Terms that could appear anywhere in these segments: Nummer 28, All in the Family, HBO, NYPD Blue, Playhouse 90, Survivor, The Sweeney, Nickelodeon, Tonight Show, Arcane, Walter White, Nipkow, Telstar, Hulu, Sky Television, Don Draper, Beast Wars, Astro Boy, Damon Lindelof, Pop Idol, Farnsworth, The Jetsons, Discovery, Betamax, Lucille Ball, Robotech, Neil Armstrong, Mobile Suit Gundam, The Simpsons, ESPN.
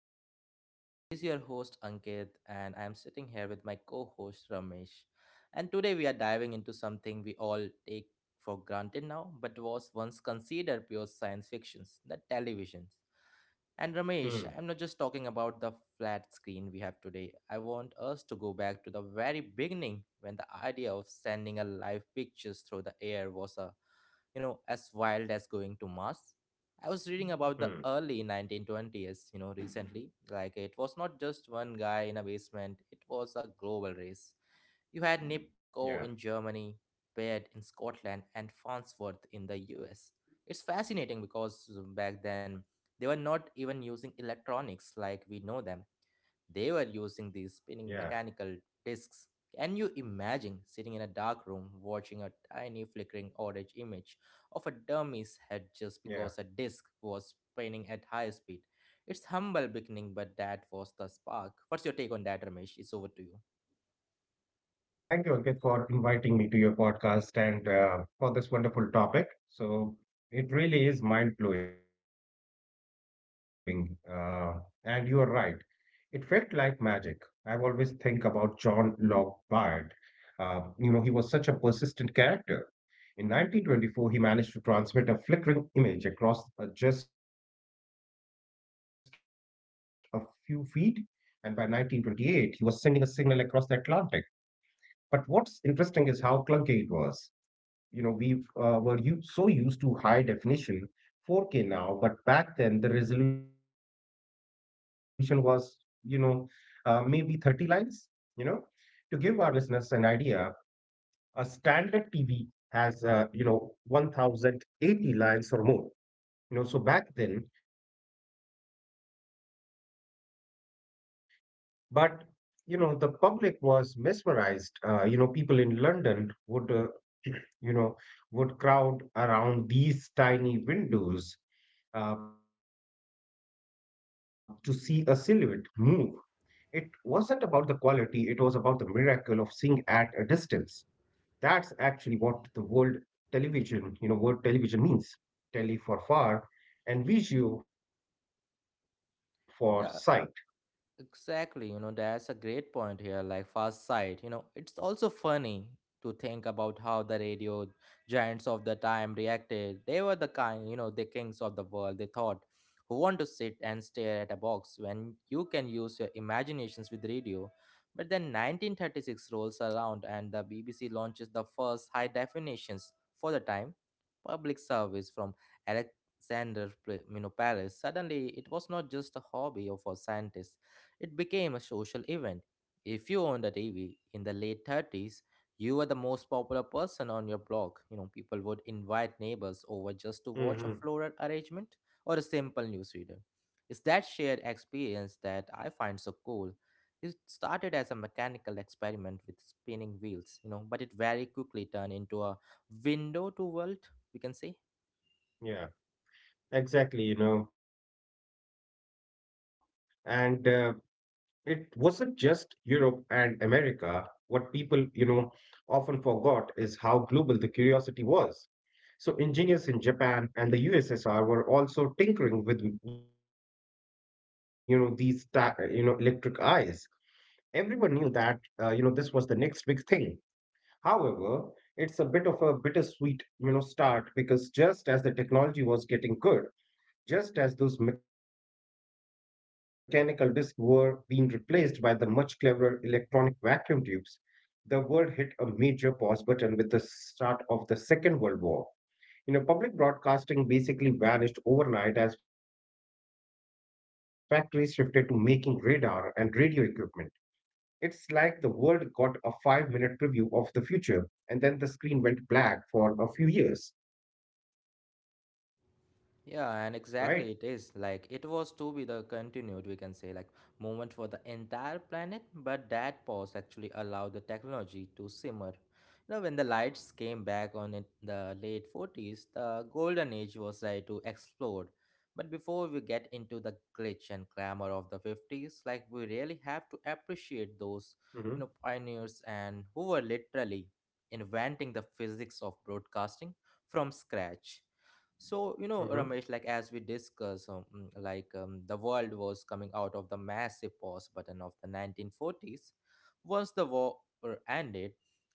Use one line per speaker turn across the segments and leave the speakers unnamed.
new journey. This is your host Ankit and I am sitting here with my co-host Ramesh. And today we are diving into something we all take for granted now but was once considered pure science fictions, the television. And Ramesh,
Hmm.
I'm not just talking about the flat screen we have today. I want us to go back to the very beginning when the idea of sending a live pictures through the air was a as wild as going to Mars. I was
Mm,
reading about the early 1920s, recently. Like, it was not just one guy in a basement, it was a global race. You had
yeah,
Nipkow in Germany, Baird in Scotland, and Farnsworth in the US. It's fascinating because back then they were not even using electronics like we know them. They were
yeah,
using these spinning mechanical discs. Can you imagine sitting in a dark room watching a tiny flickering orange image of a
yeah,
dummy's head just because a disc was spinning at high speed? It's humble beginning, but that was the spark. What's your take on that, Ramesh? It's over to you.
yeah. Thank you, Ankit, for inviting me to your podcast and for this wonderful topic. So it really is mind-blowing. And you are right. It felt like magic. I've always think about John Locke Bard. He was such a persistent character. In 1924, he managed to transmit a flickering image across just a few feet, and by 1928, he was sending a signal across the Atlantic. But what's interesting is how clunky it was. You know, we were so used to high definition 4K now, but back then the resolution was, you know, maybe 30 lines. You know, to give our listeners an idea, a standard TV has, 1080 lines or more. You know, so back then you were basically looking at, moving shadows, right? But the public was mesmerized. People in London would, you know, would crowd around these tiny windows to see a silhouette move. It wasn't about the quality; it was about the miracle of seeing at a distance. That's actually what the world television, word television means. Tele for far, and visio for sight.
Yeah, exactly, you know, that's a great point here, like Fast Sight. You know, it's also funny to think about how the radio giants of the time reacted. They were the kind, you know, the kings of the world, they thought, who want to sit and stare at a box when you can use your imaginations with radio. But then 1936 rolls around and the BBC launches the first high definitions for the time public service from Alexander, Paris. Suddenly, it was not just a hobby of a scientist, it became a social event. If you owned a TV in the late 30s, you were the most popular person on your block. You know, people would invite neighbors over just to watch a
Hmm.
floral arrangement or a simple newsreader. It's that shared experience that I find so cool. It started as a mechanical experiment with spinning wheels, but it very quickly turned into a window to world, we can say.
Yeah, exactly. You know, and. It wasn't just Europe and America. What people, often forgot is how global the curiosity was. So engineers in Japan and the USSR were also tinkering with, you know, these, electric eyes. Everyone knew that, this was the next big thing. However, it's a bit of a bittersweet, you know, start because just as the technology was getting good, just as those mechanical discs were being replaced by the much cleverer electronic vacuum tubes, the world hit a major pause button with the start of the Second World War. You know, public broadcasting basically vanished overnight as factories shifted to making radar and radio equipment. It's like the world got a 5 minute preview of the future, and then the screen went black for a few years,
Yeah, and
right?
exactly it is. Like, it was to be the continued, we can say, like, moment for the entire planet, but that pause actually allowed the technology to simmer. You know, when the lights came back on in the late 40s, the golden age was ready to explode. But before we get into the glitch and glamour of the 50s, like, we really have to
Mm-hmm.
appreciate those, pioneers and who were literally inventing the physics of broadcasting from scratch. So,
Mm-hmm.
Ramesh, like as we discuss, like the world was coming out of the massive pause button of the 1940s. Once the war ended,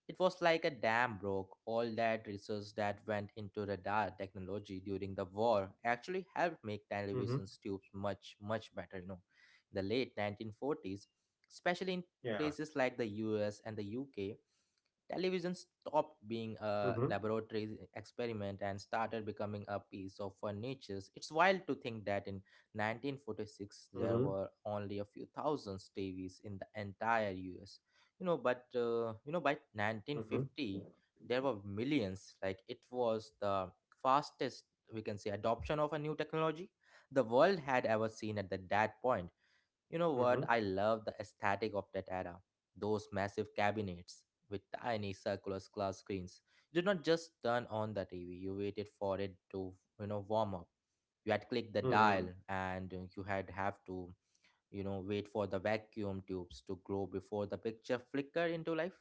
it was like a dam broke. All that research that went into radar technology during the war actually helped make
Mm-hmm.
television tubes much, much better. In the late
Yeah.
1940s, especially in places like the US and the UK, television stopped
Mm-hmm.
being a laboratory experiment and started becoming a piece of furniture. It's wild to think that in
Mm-hmm.
1946 there were only a few thousand TVs in the entire US. You know, but by
Mm-hmm.
1950 there were millions. Like it was the fastest we can say adoption of a new technology the world had ever
Mm-hmm.
seen at that point. You know what? I love the aesthetic of that era. Those massive cabinets with tiny circular glass screens. You did not just turn on the TV. You waited for it to, warm up. You had clicked the
Mm-hmm.
dial and you had have to, wait for the vacuum tubes to grow before the picture flickered into life.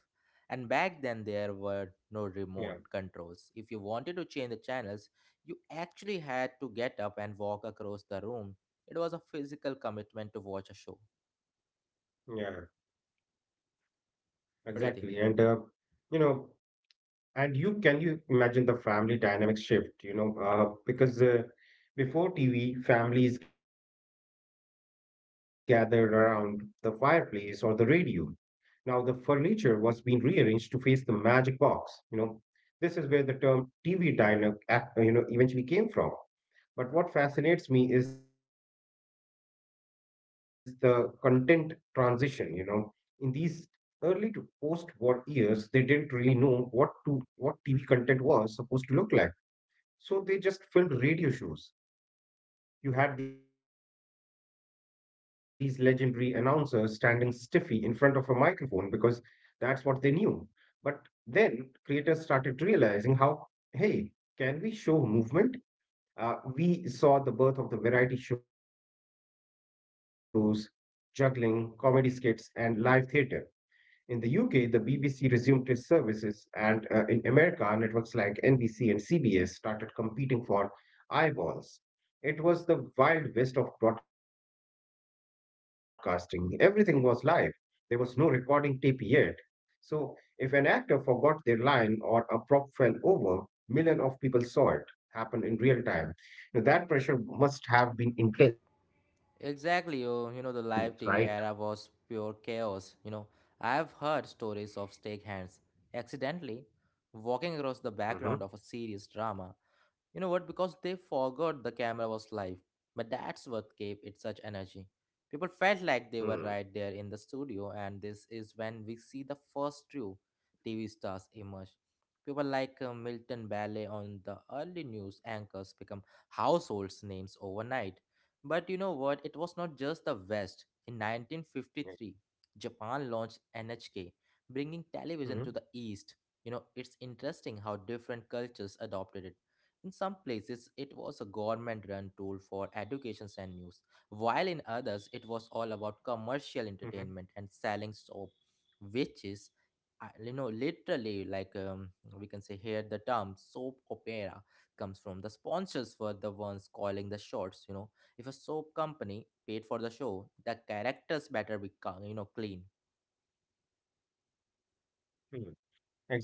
And back then there
Yeah.
were no remote controls. If you wanted to change the channels, you actually had to get up and walk across the room. It was a physical
Yeah.
commitment to watch a show.
Exactly. You
What do
know,
you think?
and you can you imagine the family dynamic shift, you know, because before TV, families gathered around the fireplace or the radio. Now the furniture was being rearranged to face the magic box, you know. This is where the term TV diner, eventually came from. But what fascinates me is the content transition, you know. In these early to post-war years, they didn't really know what TV content was supposed to look like. So they just filmed radio shows. You had these legendary announcers standing stiffy in front of a microphone because that's what they knew. But then creators started realizing how, hey, can we show movement? We saw the birth of the variety shows, juggling, comedy skits, and live theatre. In the UK, the BBC resumed its services, and in America, networks like NBC and CBS started competing for eyeballs. It was the wild west of broadcasting. Everything was live. There was no recording tape yet, so, if an actor forgot their line or a prop fell over, millions of people saw it happen in real time. Now, that pressure must have been intense, right?
Exactly, oh, the live TV era was pure chaos. You know, I've heard stories of stakehands accidentally
Mm-hmm.
walking across the background of a serious drama. You know what? Because they forgot the camera was live. But that's what gave it
Mm-hmm.
such energy. People felt like they were right there in the studio, and this is when we see the first true TV stars emerge. People like Milton Ballet on the early news anchors become households names overnight. But you know what? It was not just the West. In 1953, Japan launched
Mm-hmm.
NHK, bringing television to the East. You know, it's interesting how different cultures adopted it. In some places, it was a government run tool for education and news, while in others, it
Mm-hmm.
was all about commercial entertainment and selling soap, which is, literally like we can say here the term soap opera comes from. The sponsors were the ones calling the shots. If a soap company paid for the show, the characters better be, clean.
Exactly, you know,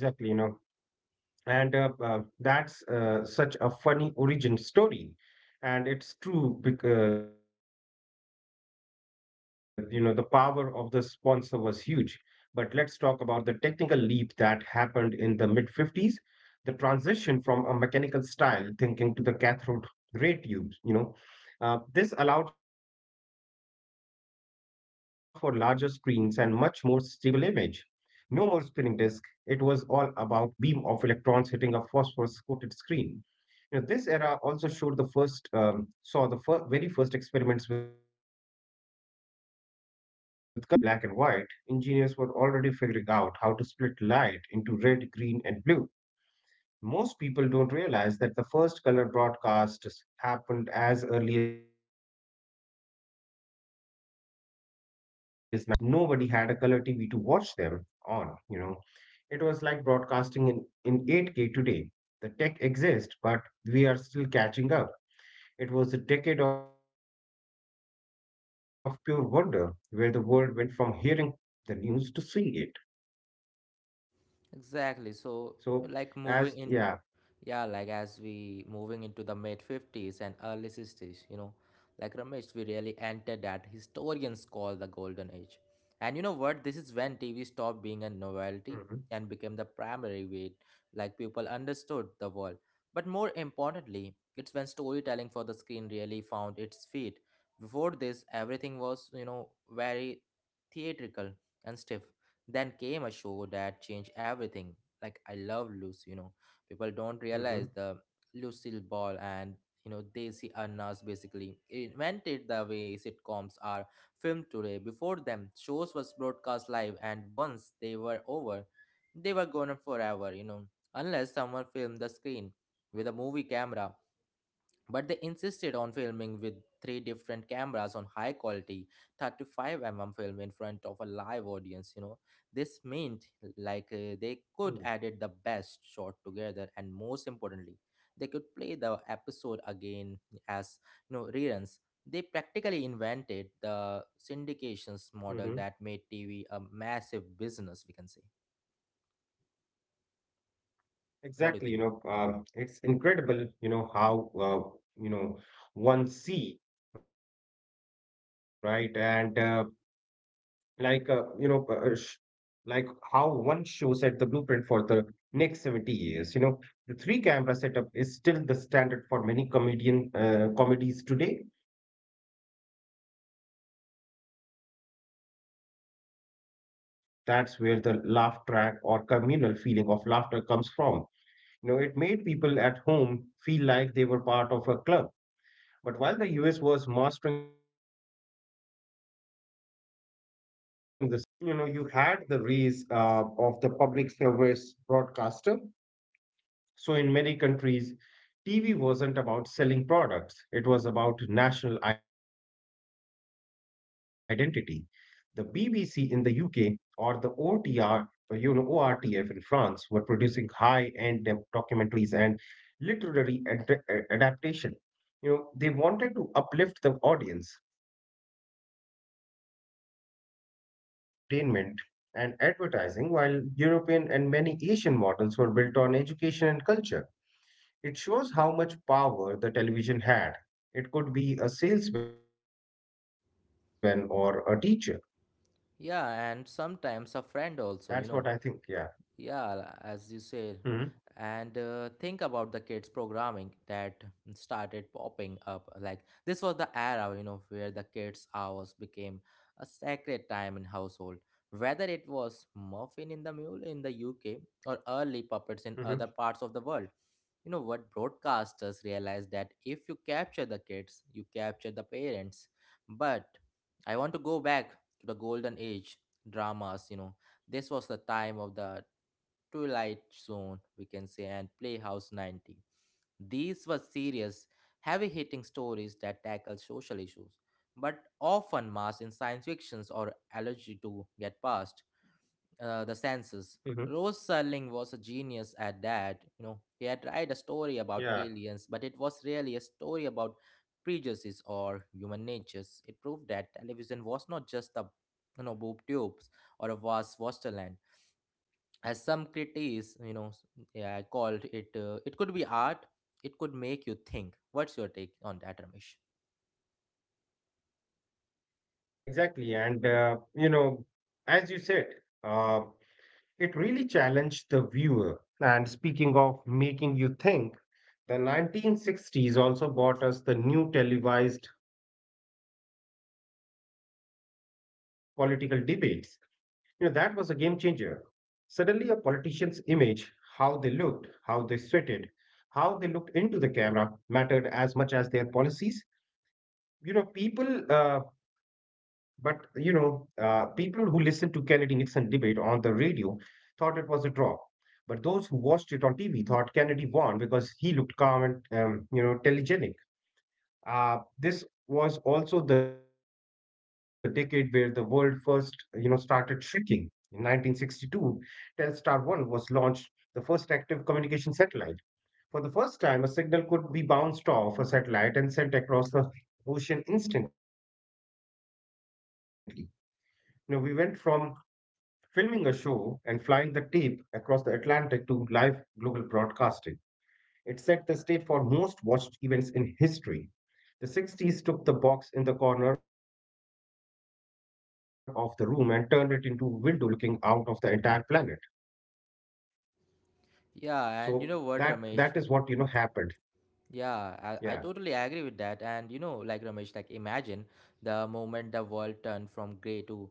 and that's such a funny origin story, and it's true because you know the power of the sponsor was huge. But let's talk about the technical leap that happened in the mid 50s, the transition from a mechanical style thinking to the cathode ray tubes, you know. This allowed for larger screens and much more stable image. No more spinning disk. It was all about beam of electrons hitting a phosphorus coated screen. You know, this era also showed the first saw the very first experiments with color. While most of the world was sitting watching in grainy black and white, engineers were already figuring out how to split light into red, green, and blue. Most people don't realize that the first color broadcasts happened as early as 1953 in the US even though almost nobody had a color TV to watch them on, you know. It was like broadcasting in 8K today. The tech exists, but we are still catching up. It was a decade of pure wonder where the world went from hearing the news to seeing it. So,
Exactly. So,
as yeah,
like moving in Yeah, like as we moving into the mid 50s and early 60s, like Ramesh, we really entered that historians call the golden age. And you know what? This is
hmm
when TV stopped being a novelty and became the primary way like people understood the world. But more importantly, it's when storytelling for the screen really found its feet. Before this, everything was, very theatrical and stiff. Then came a show that changed everything. Like I Love Lucy, people don't
hmm
realize the Lucille Ball and Desi Arnaz basically invented the way sitcoms are filmed today. Before them, shows was broadcast live, and once they were over, they were gone forever. You know, unless someone filmed the screen with a movie camera. But they insisted on filming with three different cameras on high quality 35 mm film in front of a live audience. You know, this meant,
hmm
like they could edit the best shot together, and most importantly they could play the episode again as reruns. They practically
hmm
invented the syndications model that made TV a massive business, we can say.
Exactly,
What do
it's
you think?
incredible, you know, one see, right? And like you know sh- Like how one show set the blueprint for the next 70 years. You know, the three camera setup is still the standard for many comedian comedies today. uh, and you mentioned, you know, the live audience there, that's where the laugh track or communal feeling of laughter comes from. You know, it made people at home feel like they were part of a club. But while the US was mastering the sitcom, Europe was doing something very different. You know, you had the rise of the public service broadcaster. So in many countries, TV wasn't about selling products, it was about national identity. The BBC in the UK, or the otr you know ORTF in France were producing high end documentaries and literary adaptation. You know, they wanted to uplift the audience. It's fascinating contrast. The American model was built on entertainment, and advertising, while European and many Asian models were built on education and culture. It shows how much power the television had. It could be a salesman or a teacher.
Yeah,
That's what
and
I think. Yeah.
sometimes a friend also.
Mm-hmm.
Yeah, as you said. And think about the kids programming that started popping up. Like this was the era, where the kids' hours became a sacred time in household. Whether it was Muffin in the Mule in the UK or
Mm-hmm.
early puppets in other parts of the world, you know what broadcasters realized that if you capture the kids, you capture the parents. But I want to go back to the golden age dramas. This was the time of the Twilight Zone, we can say, and Playhouse 90. These were serious, heavy hitting stories that tackled social issues, but often masked in science fictions or allergy to get past
Mm-hmm.
the senses. Rose Serling was a genius at that. You know, he had tried a
Yeah,
story about aliens, but it was really a story about prejudices or human natures. It proved that television was not just a boob tubes or a vast wasteland, as some critics yeah called it. Uh, it could be art, it could make you think. What's your take on that, Ramesh?
exactly. As you said, uh, it really challenged the viewer. And speaking of making you think, the 1960s also brought us the new televised political debates. You know, that was a game changer. Suddenly, a politician's image, how they looked, how they sweated, how they looked into the camera mattered as much as their policies. You know, people, but you know, People who listened to Kennedy Nixon debate on the radio thought it was a draw. But those who watched it on TV thought Kennedy won because he looked calm and, telegenic. This was also the decade where the world first, you know, started shrinking. In 1962, Telstar 1 was launched, the first active communication satellite. For the first time, a signal could be bounced off a satellite and sent across the ocean instantly. You know, we went from filming a show and flying the tape across the Atlantic to live global broadcasting. It set the stage for most watched events in history. The six Ts took the box in the corner of the room and turned it into a window looking out of the entire planet. So that is
Yeah,
what you
and you
know
know what,
happened.
Ramesh?
Yeah,
Yeah, I totally agree with that. And you know, like Ramesh, like imagine the moment the world turned from gray to,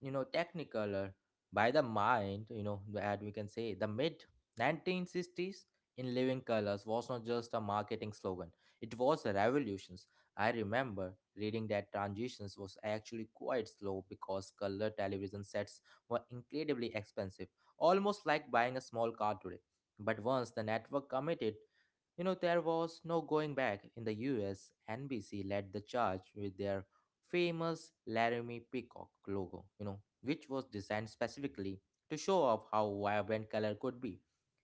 technicolor by the mind, that we can say the mid 1960s in living colors was not just a marketing slogan, it was a revolution. I remember reading that transitions was actually quite slow because color television sets were incredibly expensive, almost like buying a small car today. But once the network committed, there was no going back. In the US, NBC led the charge with their famous Laramie Peacock logo, which was designed specifically to show off how vibrant color could be.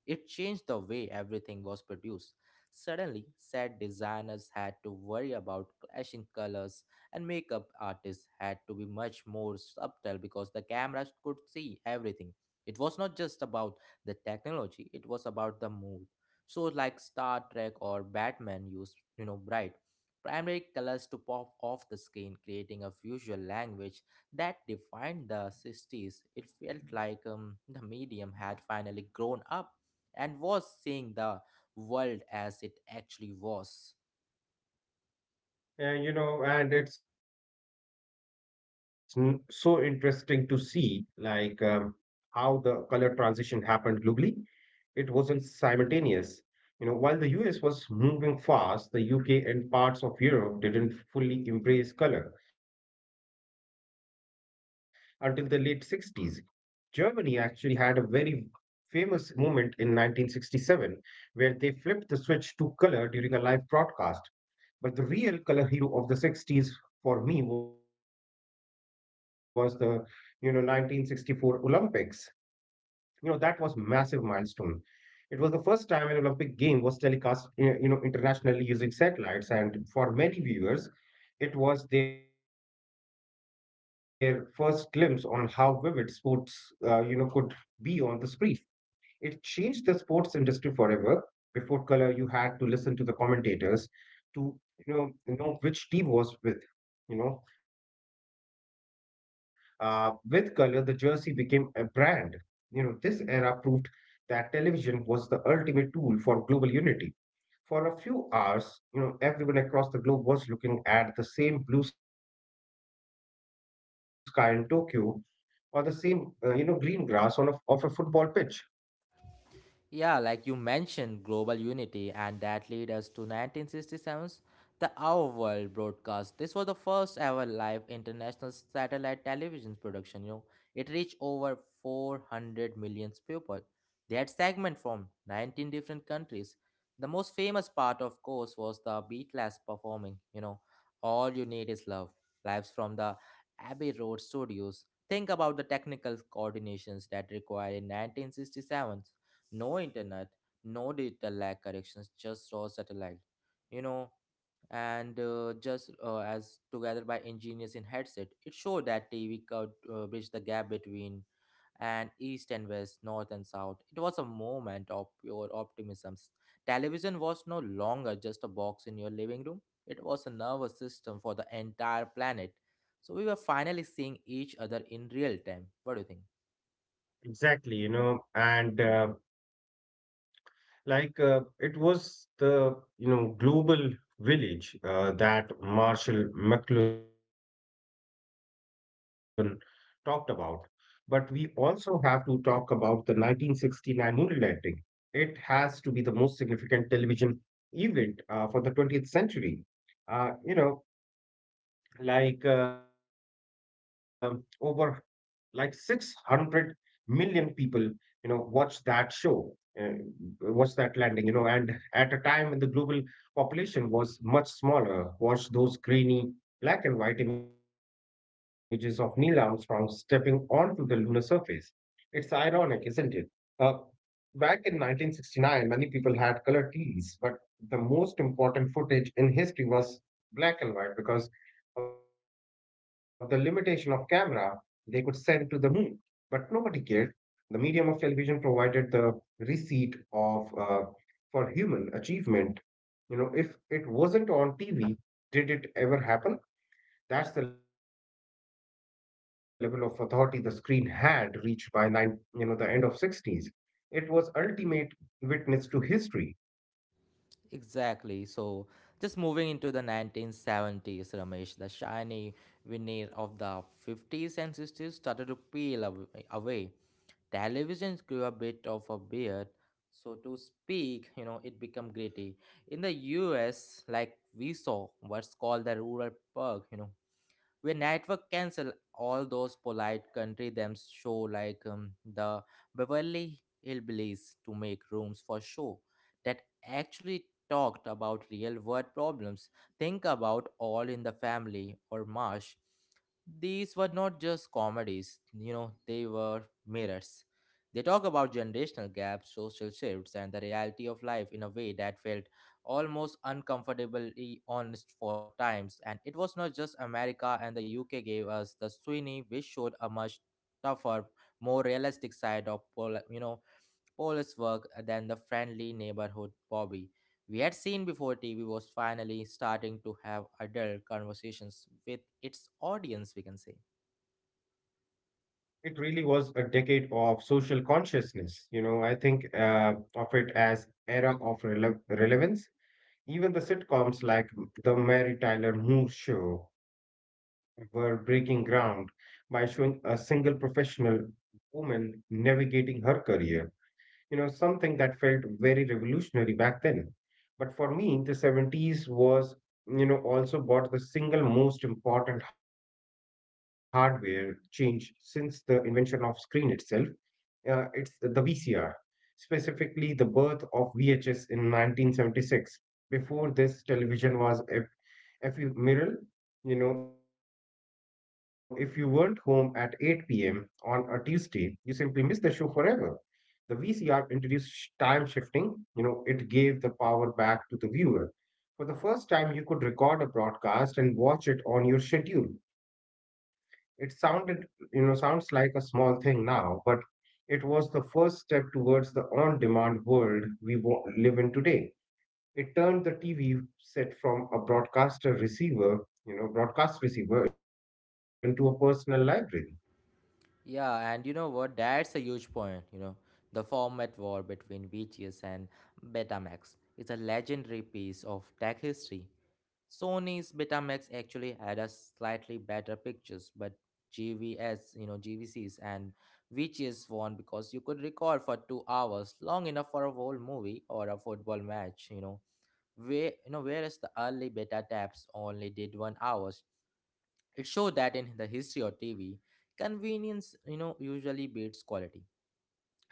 It changed the way everything was produced. Suddenly, set designers had to worry about clashing colors, and makeup artists had to be much more subtle because the cameras could see everything. It was not just about the technology, it was about the mood. Shows like Star Trek or Batman use, bright, primary colors to pop off the screen, creating a visual language that defined the 60s. It felt like the medium had finally grown up and was seeing the world as it actually was.
and you know, and it's so interesting to see like how the color transition happened globally. It wasn't simultaneous. You know, while the US was moving fast, the UK and parts of Europe didn't fully embrace color until the late 60s. Germany actually had a very famous moment in 1967 where they flipped the switch to color during a live broadcast. But the real color hero of the 60s for me was the you know 1964 Olympics. You know that was massive milestone. It was the first time an Olympic game was telecast you know internationally using satellites and for many viewers it was their first glimpse on how vivid sports, could be on the screen. It changed the sports industry forever. Before color, you had to listen to the commentators to, you know which team was with. You know, with color, the jersey became a brand. You know, this era proved that television was the ultimate tool for global unity. For a few hours, you know, everyone across the globe was looking at the same blue sky in Tokyo or the same, green grass on of a football pitch.
Yeah, like you mentioned, global unity, and that lead us to 1967's The Our World broadcast. This was the first ever live international satellite television production. You know, it reached over 400 million people. They had segments from 19 different countries. The most famous part, of course, was the Beatles performing. All you need is love. Lives from the Abbey Road studios. Think about the technical coordinations that required in 1967 no internet, no data lag corrections, just raw satellite. You know, and Just as together by engineers in headset, it showed that TV could bridge the gap between and east and west, north and south. It was a moment of pure optimism. Television was no longer just a box in your living room. It was a nervous system for the entire planet. So we were finally seeing each other in real time. What do you think?
Exactly, you know, and like it was the you know global village that Marshall McLuhan talked about. But we also have to talk about the 1969 moonlighting. It has to be the most significant television event for the 20th century. Uh, you know, Over like 600 million people you know watch that show uh, watch that landing you know and at a time when the global population was much smaller watch those grainy black and white images of Neil Armstrong stepping onto the lunar surface. It's ironic, isn't it? Uh, Back in 1969, many people had color TVs, but the most important footage in history was black and white because of the limitation of camera they could send to the moon. But nobody cared. The medium of television provided the receipt of for human achievement. You know, if it wasn't on TV, did it ever happen? That's the level of authority the screen had reached by nine you know the end of 60s. It was ultimate witness to history.
Exactly. Just moving into the 1970s, Ramesh, the shiny veneer of the 50s and 60s started to peel away. Televisions grew a bit of a beard, so to speak, you know, it became gritty. In the US, like we saw what's called the rural perk, you know, where network cancel all those polite country them show like the beverly hillbillies to make rooms for show that actually talked about real world problems. Think about all in the family or marsh. These were not just comedies, you know, they were mirrors. They talk about generational gaps, social shifts, and the reality of life in a way that felt almost uncomfortably honest for times, and it was not just America. And the UK gave us the Sweeney, which showed a much tougher, more realistic side of police work than the friendly neighborhood Bobby we had seen before. TV was finally starting to have adult conversations with its audience, we can say.
It really was a decade of social consciousness. You know, I think of it as era of relevance. Even the sitcoms like the Mary Tyler Moore Show were breaking ground by showing a single professional woman navigating her career, you know, something that felt very revolutionary back then. But for me, the 70s was, you know, also bought the single most important hardware change since the invention of screen itself. It's the VCR, specifically the birth of VHS in 1976. Before this, television was ephemeral. You know, if you weren't home at 8 p.m. on a Tuesday, you simply missed the show forever. The VCR introduced time shifting. You know, it gave the power back to the viewer. For the first time, you could record a broadcast and watch it on your schedule. It sounded, you know, sounds like a small thing now, but it was the first step towards the on demand world we live in today. It turned the TV set from a broadcaster receiver, you know, broadcast receiver into a personal library.
Yeah, and you know what? That's a huge point. You know, the format war between VHS and Betamax is a legendary piece of tech history. Sony's Betamax actually had a slightly better pictures, but GVS, you know, GVCs and VGS won because you could record for 2 hours, long enough for a whole movie or a football match, you know. Where, you know, whereas the early beta tabs only did 1 hours. It showed that in the history of TV, convenience, you know, usually beats quality.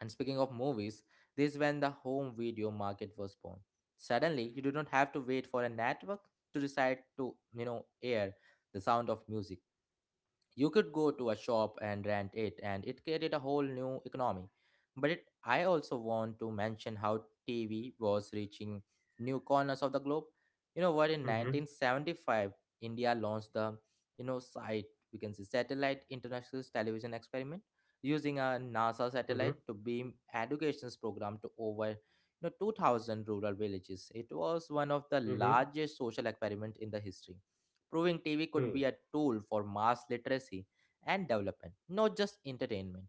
And speaking of movies, this is when the home video market was born. Suddenly, you do not have to wait for a network to decide to, you know, air the sound of music. You could go to a shop and rent it, and it created a whole new economy. But it, I also want to mention how TV was reaching new corners of the globe. You know what? In
Mm-hmm,
1975, India launched the you know site, we can say, satellite international television experiment using a NASA
mm-hmm,
satellite to beam education's program to over you know 2,000 rural villages. It was one of the
mm-hmm.
largest social experiment in the history, proving TV could be a tool for mass literacy and development, not just entertainment.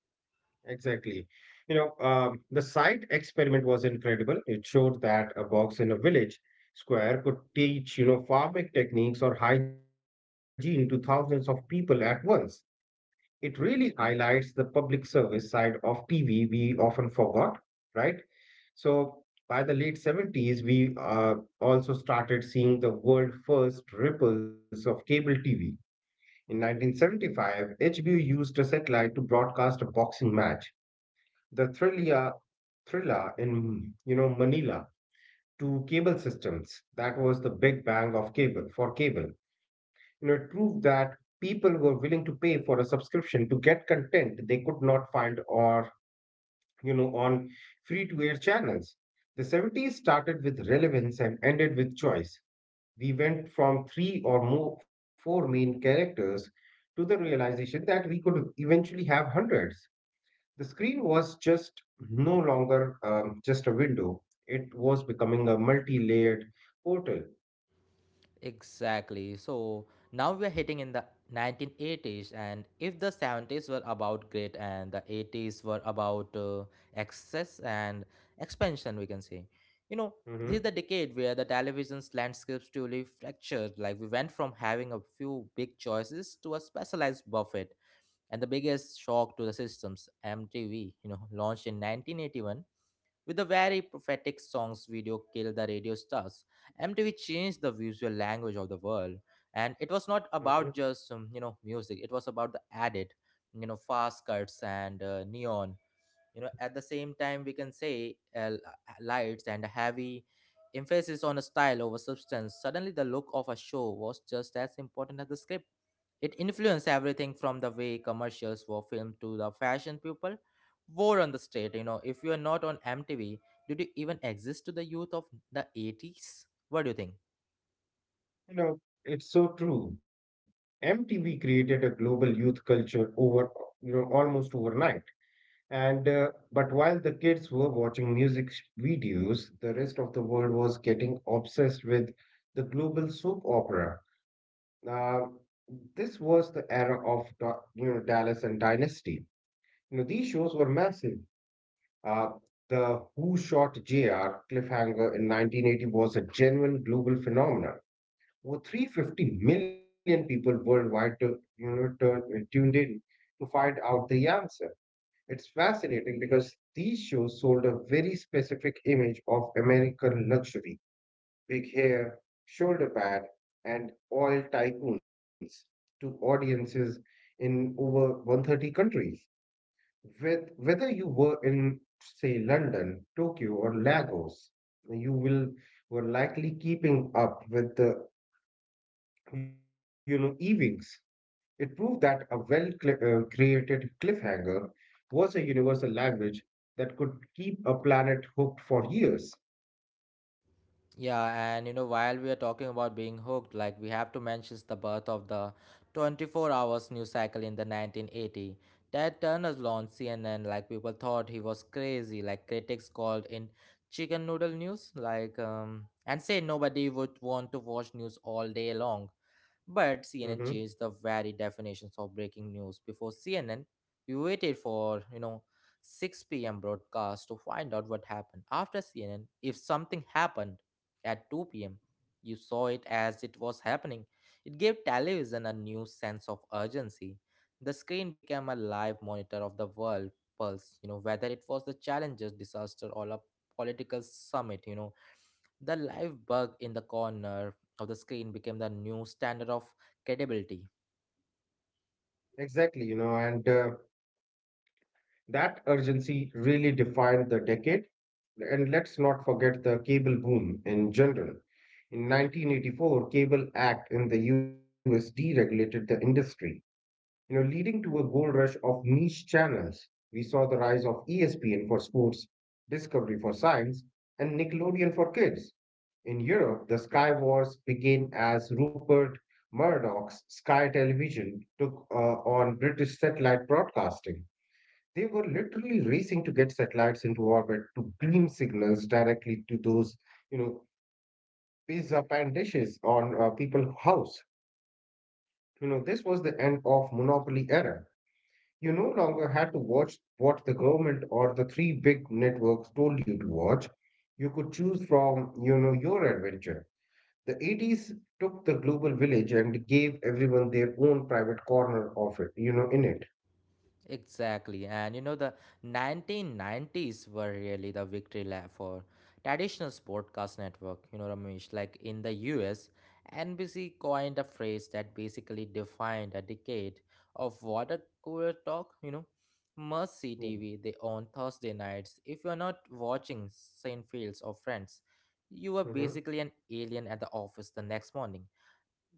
Exactly. The site experiment was incredible. It showed that a box in a village square could teach, you know, farming techniques or hygiene to thousands of people at once. It really highlights the public service side of TV we often forgot, right? So by the late 70s, we also started seeing the world first ripples of cable TV. In 1975, HBO used a satellite to broadcast a boxing match, the Thrilla in, you know, Manila, to cable systems. That was the big bang of cable for cable. You know, it proved that people were willing to pay for a subscription to get content they could not find or, you know, on free-to-air channels. The 70s started with relevance and ended with choice. We went from three or more four main characters to the realization that we could eventually have hundreds. The screen was just no longer just a window, it was becoming a multi layered portal.
Exactly. So now we are hitting in the 1980s, and if the 70s were about grit and the 80s were about excess and expansion, we can say, you know,
hmm
this is the decade where the television's landscapes truly fractured. Like we went from having a few big choices to a specialized buffet, and the biggest shock to the systems, MTV, you know, launched in 1981 with the very prophetic song's video Kill the Radio Stars. MTV changed the visual language of the world. And it was
hmm
not about just, you know, music. It was about the added, you know, fast cuts and neon, you know, at the same time, we can say, lights, and a heavy emphasis on a style over substance. Suddenly the look of a show was just as important as the script. It influenced everything from the way commercials were filmed to the fashion people wore on the street. You know, if you are not on mtv, did you even exist to the youth of the 80s? What do you think?
You know, it's so true. MTV created a global youth culture over, you know, almost overnight. And but while the kids were watching music videos, the rest of the world was getting obsessed with the global soap opera. uh, this was the era of you know, Dallas and Dynasty. You know, these shows were massive. Uh, the Who Shot JR cliffhanger in 1980 was a genuine global phenomenon. Over 350 million people worldwide to, you know, tuned in to find out the answer. It's fascinating because these shows sold a very specific image of American luxury, big hair, shoulder pad, and oil tycoons to audiences in over 130 countries. With whether you were in, say, London, Tokyo, or Lagos, you will were likely keeping up with the, you know, evenings. It proved that a well cl created cliffhanger was a universal language that could keep a planet hooked for years.
Yeah, and you know, while we are talking about being hooked, like we have to mention the birth of the 24 hours news cycle in the 1980. Ted Turner's launched CNN, like people thought he was crazy, like critics called in chicken noodle news, like and say nobody would want to watch news all day long. But
hmm
CNN changed the very definitions of breaking news. Before CNN, we waited for, you know, 6 p.m. broadcast to find out what happened. After CNN, if something happened at 2 p.m., you saw it as it was happening. It gave television a new sense of urgency. The screen became a live monitor of the world pulse, you know, whether it was the challenges, disaster, or a political summit. You know, the live bug in the corner of the screen became the new standard of credibility.
Exactly, you know, and that urgency really defined the decade. And let's not forget the cable boom in general. In 1984, Cable Act in the US deregulated the industry, you know, leading to a gold rush of niche channels. We saw the rise of ESPN for sports, Discovery for science, and Nickelodeon for kids. In Europe, the Sky Wars began as Rupert Murdoch's Sky Television took on British satellite broadcasting. They were literally racing to get satellites into orbit to beam signals directly to those, you know, pizza pan dishes on people's house. You know, this was the end of monopoly era. You no longer had to watch what the government or the three big networks told you to watch. You could choose from, you know, your adventure. The 80s took the global village and gave everyone their own private corner of it, you know, in it.
Exactly, and you know, the 1990s were really the victory lap for traditional broadcast network. You know, Ramesh, like in the US, NBC coined a phrase that basically defined a decade of water cooler talk. You know, must see TV they on Thursday nights. If you're not watching Seinfelds or Friends, you were basically an alien at the office the next morning.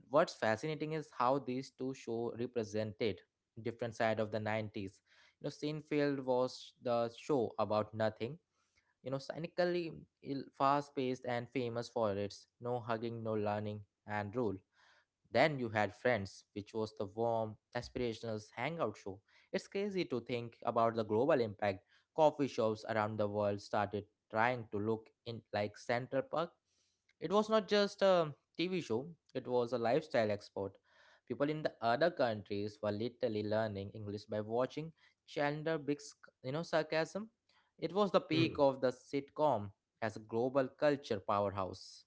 What's fascinating is how these two show represented different side of the 90s. You know, seinfeld was the show about nothing, you know, cynically, fast-paced, and famous for its no hugging, no learning, and rule. Then you had Friends, which was the warm, aspirational hangout show. It's crazy to think about the global impact. Coffee shops around the world started trying to look in like Central Park. It was not just a TV show, it was a lifestyle export. People in the other countries were literally learning English by watching Chandler Big's, you know, sarcasm. It was the
Mm-hmm.
peak of the sitcom as a global culture powerhouse.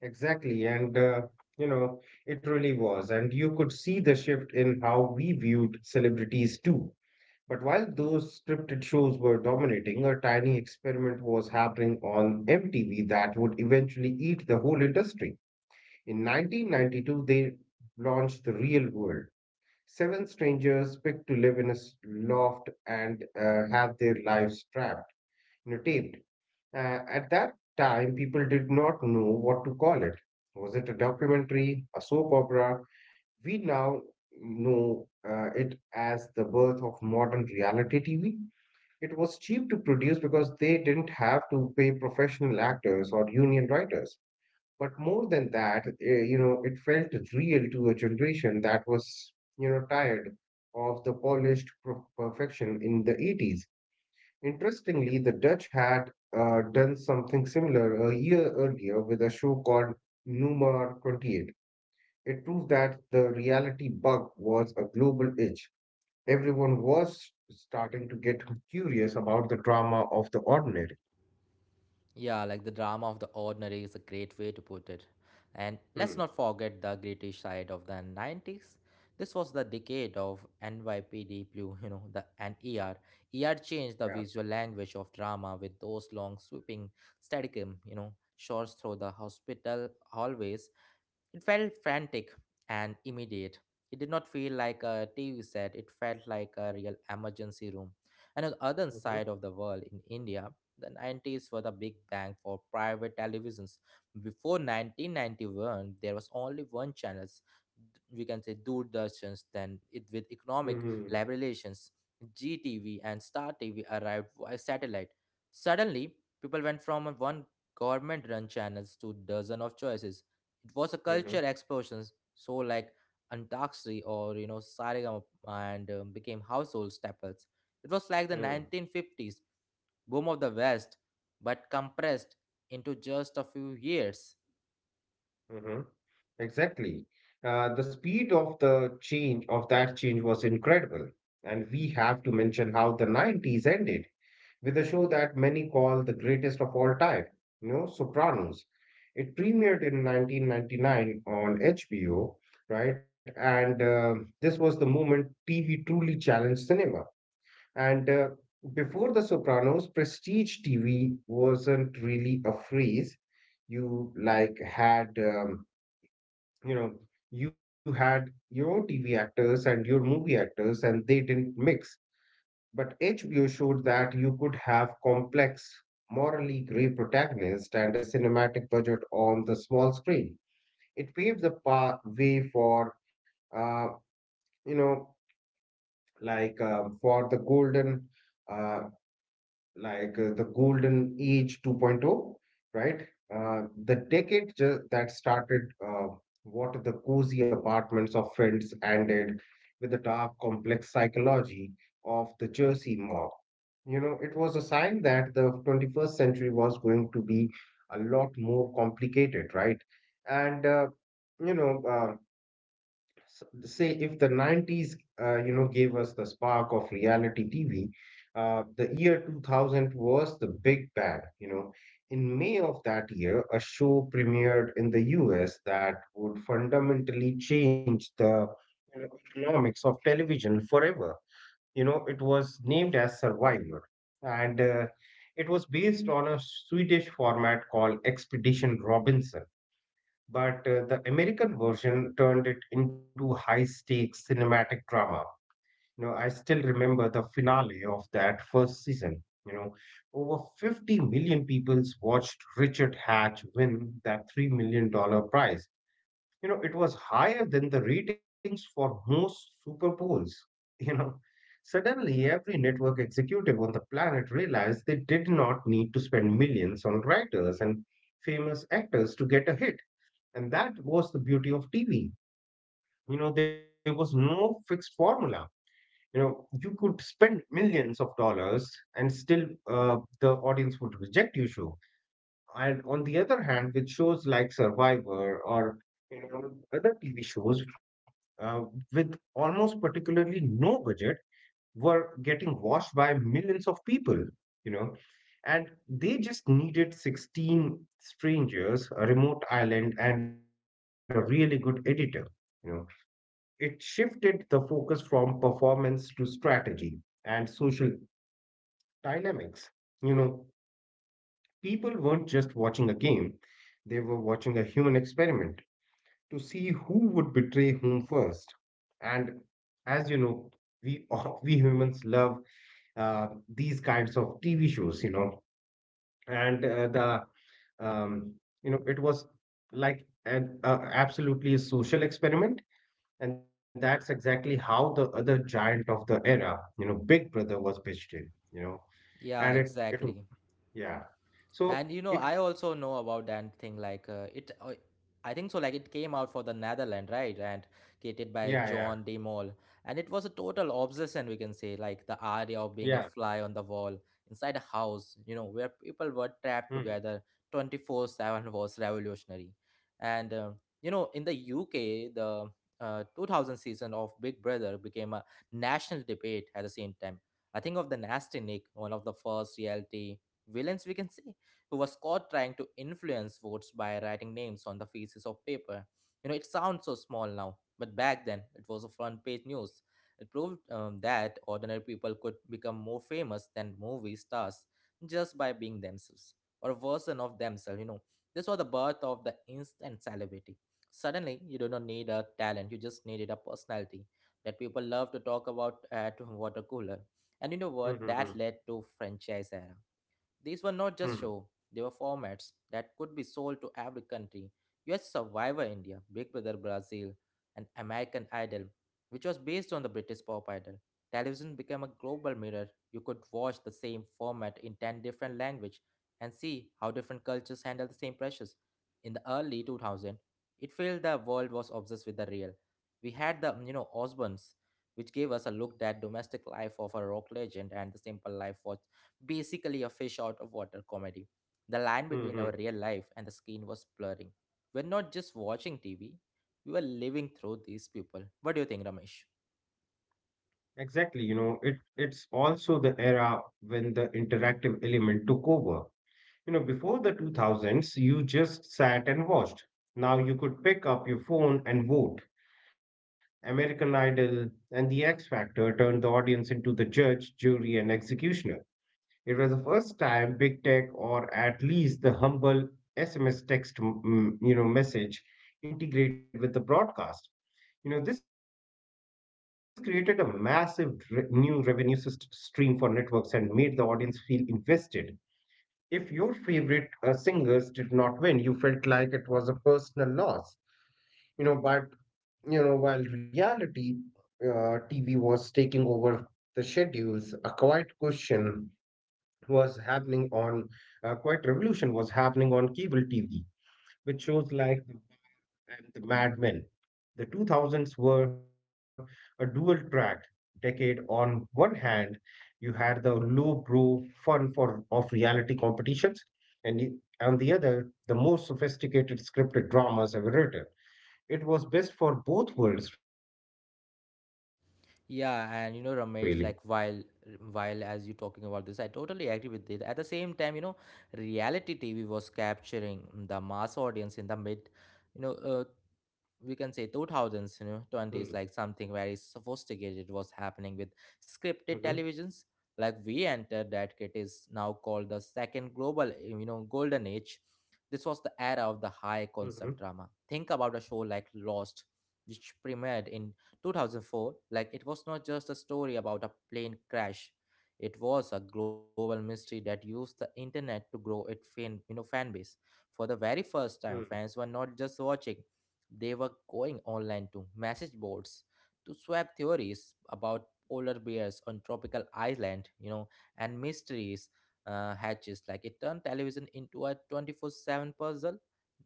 Exactly. And, you know, it really was. And you could see the shift in how we viewed celebrities too. But while those scripted shows were dominating, a tiny experiment was happening on MTV that would eventually eat the whole industry. In 1992, they launched The Real World. Seven strangers picked to live in a loft and have their lives trapped, you know, taped. At that time, people did not know what to call it. Was it a documentary, a soap opera? We now know it as the birth of modern reality TV. It was cheap to produce because they didn't have to pay professional actors or union writers. But more than that, you know, it felt real to a generation that was, you know, tired of the perfection in the 80s. Interestingly, the Dutch had done something similar a year earlier with a show called Numar 28. It proved that the reality bug was a global itch. Everyone was starting to get curious about the drama of the ordinary.
Yeah, like the drama of the ordinary is a great way to put it. And let's
Hmm.
not forget the gritty side of the 90s. This was the decade of NYPD Blue, you know, the and ER. ER changed the
Yeah.
visual language of drama with those long sweeping staticum, you know, shots through the hospital hallways. It felt frantic and immediate. It did not feel like a TV set, it felt like a real emergency room. And on the other
Mm-hmm.
side of the world, in India, the 90s were the big bang for private televisions. Before 1991, there was only one channel, we can say Doordarshans, then it with economic
Mm-hmm.
liberations. GTV and Star TV arrived via satellite. Suddenly, people went from one government-run channels to dozen of choices. It was a culture
Mm-hmm.
explosion. So like antaksri, or you know saregama, and became household staples. It was like the 1950s boom of the west, but compressed into just a few years.
hmm Exactly. The speed of the change of that change was incredible. And we have to mention how the 90s ended with a show that many call the greatest of all time, you know, Sopranos. It premiered in 1999 on HBO, right? And this was the moment TV truly challenged cinema. And before The Sopranos, prestige TV wasn't really a phrase you like had. You know, you had your TV actors and your movie actors and they didn't mix. But HBO showed that you could have complex, morally gray protagonists and a cinematic budget on the small screen. It paved the way for uh, you know for the golden uh, the golden age 2.0, right. The decade that started what the cozy apartments of friends ended with the dark complex psychology of the jersey mob. You know, it was a sign that the 21st century was going to be a lot more complicated, right. And you know uh, say if the 90s you know gave us the spark of reality tv, the year 2000 was the big bang. You know, in may of that year a show premiered in the us that would fundamentally change the, you know, economics of television forever. You know, it was named as survivor. And it was based on a swedish format called expedition robinson. But the American version turned it into high-stakes cinematic drama. You know, I still remember the finale of that first season. You know, over 50 million people watched Richard Hatch win that $3 million dollar prize. You know, it was higher than the ratings for most Super Bowls. You know, suddenly every network executive on the planet realized they did not need to spend millions on writers and famous actors to get a hit. And that was the beauty of TV. You know, there was no fixed formula. You know, you could spend millions of dollars and still, uh, the audience would reject your show. And on the other hand, with shows like Survivor or, you know, other TV shows uh, with almost particularly no budget were getting watched by millions of people, you know, and they just needed 16 strangers, a remote island, and a really good editor. You know, it shifted the focus from performance to strategy and social dynamics. You know, people weren't just watching a game, they were watching a human experiment to see who would betray whom first. And as you know, we we humans love uh, these kinds of TV shows, you know, and the um, you know it was like an absolutely a social experiment. And that's exactly how the other giant of the era, you know, Big Brother was pitched in, you know,
Yeah,
and
exactly.
yeah.
And you
So
know, I
it,
also know about that thing. I think so. Like it came out for the Netherlands, right? And created by
yeah, yeah,
John De Mol, and it was a total obsession. We can say, like the idea of being a
yeah.
fly on the wall inside a house, you know, where people were trapped
Hmm.
together, 24/7 was revolutionary. And You know, in the UK, the 2000 season of Big Brother became a national debate at the same time. I think of the Nasty Nick, one of the first reality villains, we can say, who was caught trying to influence votes by writing names on the pieces of paper. You know, it sounds so small now, but back then it was a front page news. It proved that ordinary people could become more famous than movie stars just by being themselves, or a version of themselves, you know. This was the birth of the instant celebrity. Suddenly, you do not need a talent, you just needed a personality that people love to talk about at water cooler. And you know
Hmm.
what?
Hmm.
That led to franchise era. These were not just
Hmm.
show, they were formats that could be sold to every country. US Survivor India, Big Brother Brazil, and American Idol, which was based on the British Pop Idol. Television became a global mirror. You could watch the same format in 10 different languages and see how different cultures handle the same pressures. In the early 2000s, it felt the world was obsessed with the real. We had the, you know, Osbournes, which gave us a look at domestic life of a rock legend, and the simple life was basically a fish out of water comedy. The
Hmm.
line
Mm,
between
mm.
our real life and the screen was blurring. We're not just watching TV, we were living through these people. What do you think, Ramesh?
Exactly, you know, it's also the era when the interactive element took over. You know, before the 2000s, you just sat and watched. Now you could pick up your phone and vote. American Idol, and The X Factor turned the audience into the judge, jury, and executioner. It was the first time big tech, or at least the humble SMS text, mm, you know, message integrated with the broadcast. You know, this created a massive new revenue stream for networks and made the audience feel invested. If your favorite singers did not win, you felt like it was a personal loss. You know, by while reality TV was taking over the schedules, was happening on, a quiet revolution was happening on cable TV, with shows like The and the Mad Men. The 2000s were a dual track decade. On one hand, you had the low brow fun for of reality competitions, and on the other, the most sophisticated scripted dramas ever written. It was best for both worlds, really.
Yeah, and you know, Ramesh, like while as you talking about this, I totally agree with it. At the same time, you know, reality TV was capturing the mass audience in the mid, you know, uh, we can say 2000s,
Hmm.
you know, 20s, like something very sophisticated was happening with
Mm-hmm.
scripted televisions. Like we entered that it is now called the second global, you know, golden age. This was the era of the high
Mm-hmm.
concept drama. Think about a show like Lost, which premiered in 2004. Like it was not just a story about a plane crash, it was a global mystery that used the internet to grow its fan you know fan base. For the very first time,
Mm.
fans were not just watching, they were going online to message boards to swap theories about polar bears on tropical island, you know, and mysteries, hatches. Like it turned television into a 24/7 puzzle.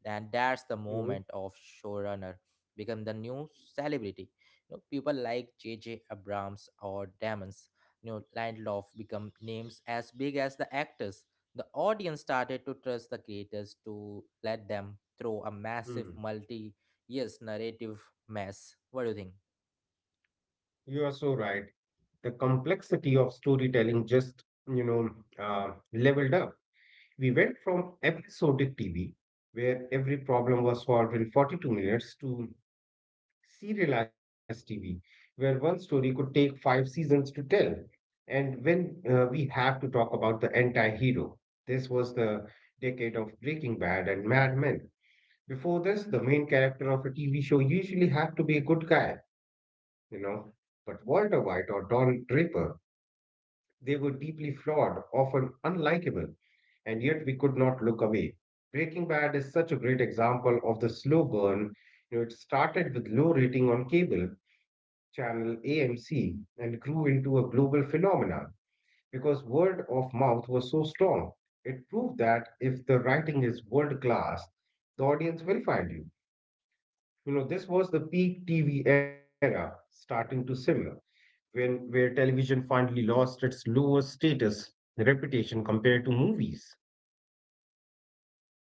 And that's the moment
Mm-hmm.
of showrunner become the new celebrity. You know, people like J J abrams or damons, you know, lindelof become names as big as the actors. The audience started to trust the creators to let them throw a massive
Mm.
multi years narrative mess. What do you think?
You are so right. The complexity of storytelling just, you know, leveled up. We went from episodic TV, where every problem was solved in 42 minutes, to serialized TV, where one story could take five seasons to tell. And when we have to talk about the anti-hero, this was the decade of Breaking Bad and Mad Men. Before this, the main character of a TV show usually had to be a good guy, you know. But Walter White or Don Draper, they were deeply flawed, often unlikable, and yet we could not look away. Breaking Bad is such a great example of the slow burn. You know, it started with low rating on cable channel AMC and grew into a global phenomenon because word of mouth was so strong. It proved that if the writing is world class, the audience will find you. You know, this was the peak TV era starting to simmer, when where television finally lost its lower status and reputation compared to movies.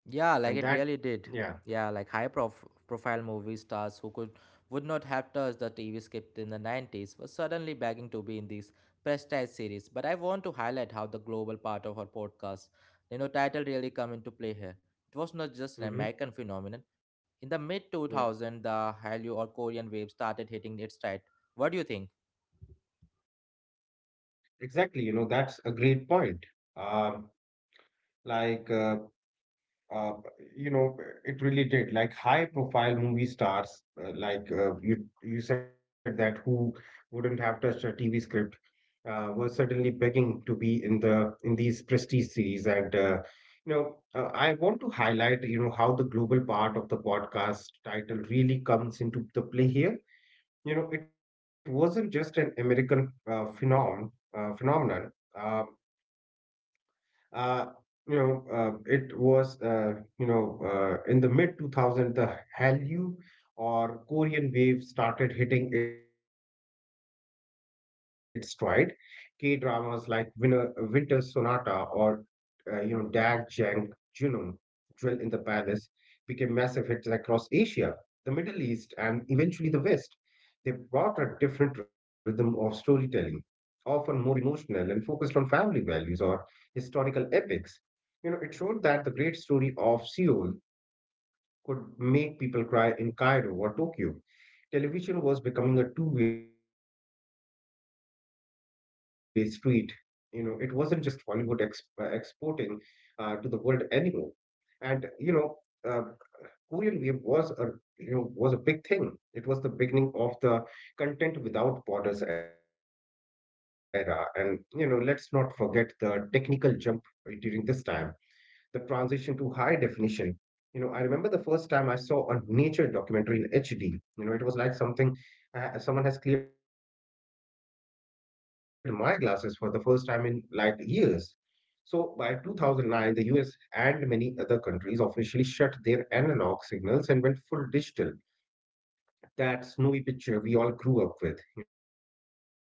Yeah, like
And
it
that
really did.
yeah.
Yeah, like high prof- profile movie stars who could would not have touched the TV script in the 90s were suddenly begging to be in these prestige series. But I want to highlight how the global part of our podcast, you know, title really come into play here. It was not just
Mm-hmm.
an American phenomenon. In the mid
Yeah,
2000, the Hallyu or Korean wave started hitting its stride. What do you think?
exactly. You know, that's a great point. Um, like, uh, uh, you know, it really did. Like high-profile movie stars, you said that who wouldn't have touched a TV script, were suddenly begging to be in the in these prestige series. And you know, I want to highlight, you know, how the global part of the podcast title really comes into the play here. You know, it wasn't just an American uh, phenomenon phenomenon. Uh, uh, you know it was you know In the mid 2000, the Hallyu or Korean wave started hitting its stride. K dramas like Winter Sonata or dag jang junum jewel in the Palace, became massive hits across Asia, the Middle East, and eventually the West. They brought a different rhythm of storytelling, often more emotional and focused on family values or historical epics. You know, it showed that the great story of Seoul could make people cry in Cairo or Tokyo. Television was becoming a two-way street. You know, it wasn't just Hollywood exporting to the world anymore. And you know, uh, Korean Wave was a was a big thing. It was the beginning of the content without borders era, and you know, let's not forget the technical jump during this time, the transition to high definition. You know, I remember the first time I saw a nature documentary in HD. You know, it was like something someone has cleared my glasses for the first time in like years. So by 2009, the US and many other countries officially shut their analog signals and went full digital. That snowy picture we all grew up with, you know, gone forever.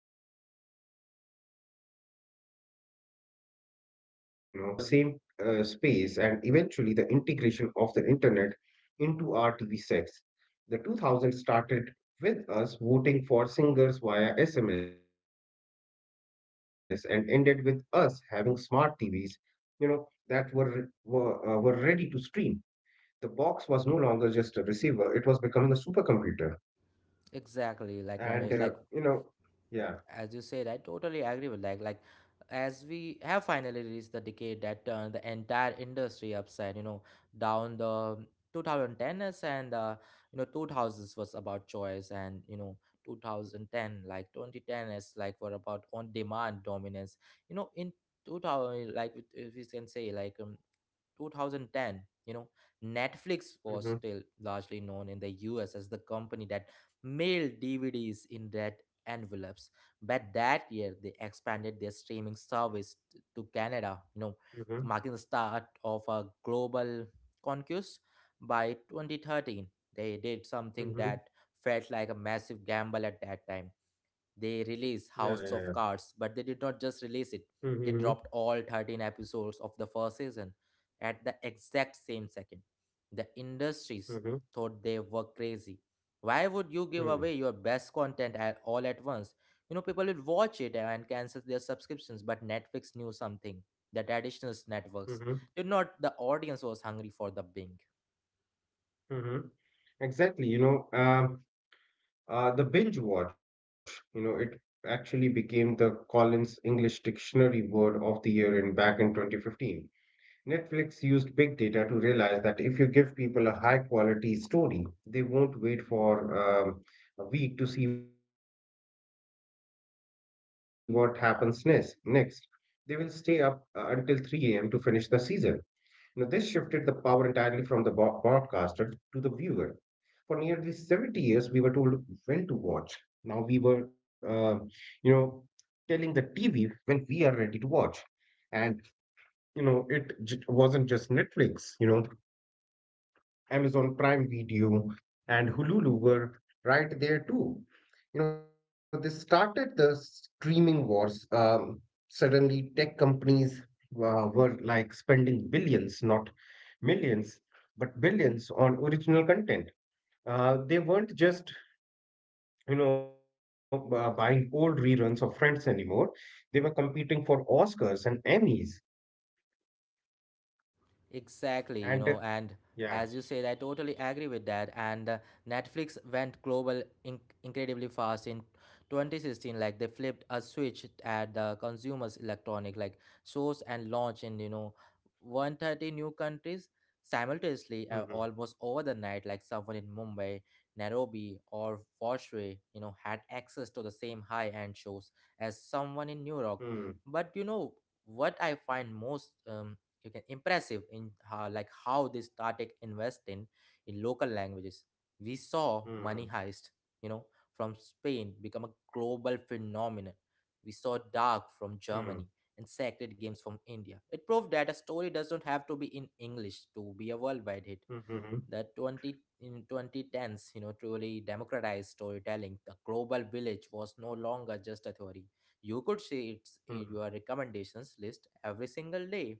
This allowed for more channels in the same space and eventually the integration of the internet into our TV sets. The 2000 started with us voting for singers via SMS and ended with us having smart TVs, you know, that were ready to stream. The box was no longer just a receiver; it was becoming a supercomputer. And uh, you
Exactly,
know,
like Ramesh, like
yeah.
as you said, I totally agree with like, as we have finally reached the decade that turned the entire industry upside, you know, down. The 2010s and you know, 2000s was about choice, and you know, 2010 is like were about on demand dominance. You know, in 2000, like if we can say, like 2010, you know, Netflix
Mm-hmm,
was still largely known in the US as the company that mailed DVDs in red envelopes. But that year, they expanded their streaming service to Canada, you know,
mm-hmm,
marking the start of a global conquest. By 2013, they did something
mm-hmm.
that felt like a massive gamble at that time. They
Yeah, yeah,
released House of Cards, but they did not just
yeah.
release it.
Mm-hmm,
They dropped all 13 episodes of the first season at the exact same second. The
mm-hmm, mm-hmm,
industries thought they were crazy. Why would you
mm-hmm,
give away your best content at all at once? You know, people will watch it and cancel their subscriptions, but Netflix knew something. The traditional
mm-hmm.
networks did not. The audience was hungry for the bing.
Mm-hmm. Exactly. The binge watch. You know, it actually became the Collins English Dictionary word of the year in back in 2015. Netflix used big data to realize that if you give people a high quality story, they won't wait for um, a week to see what happens next. Next, they will stay up until 3 a.m. to finish the season. You know, this shifted the power entirely from the broadcaster to the viewer. For nearly 70 years, we were told when to watch. Now we were, you know, telling the TV when we are ready to watch. And you know, wasn't just Netflix. You know, Amazon Prime Video and Hulu were right there too. You know, this started the streaming wars. Suddenly, tech companies were like spending billions, not millions, but billions on original content. They weren't just buying old reruns of Friends anymore. They were competing for Oscars and Emmys. And
Exactly, you know, and
yeah.
as you said, I totally agree with that. And Netflix went global incredibly fast in 2016. Like they flipped a switch at the consumers' electronic like shows and launch in, you know, 130 new countries simultaneously,
Hmm,
almost over the night. Like someone in Mumbai, Nairobi, or Foshui, you know, had access to the same high-end shows as someone in New
hmm,
York. But you know, what I find most you can impressive in how, like how they started investing in local languages. We saw
hmm,
Money Heist, you know, from Spain become a global phenomenon. We saw Dark
hmm,
from Germany and Sacred Games from India. It proved that a story doesn't have to be in English to be a worldwide
hmm,
hit.
hmm,
The 20 in 2010s, you know, truly democratized storytelling. The global village was no longer just a theory, you could see
hmm.
it's in your recommendations list every single day.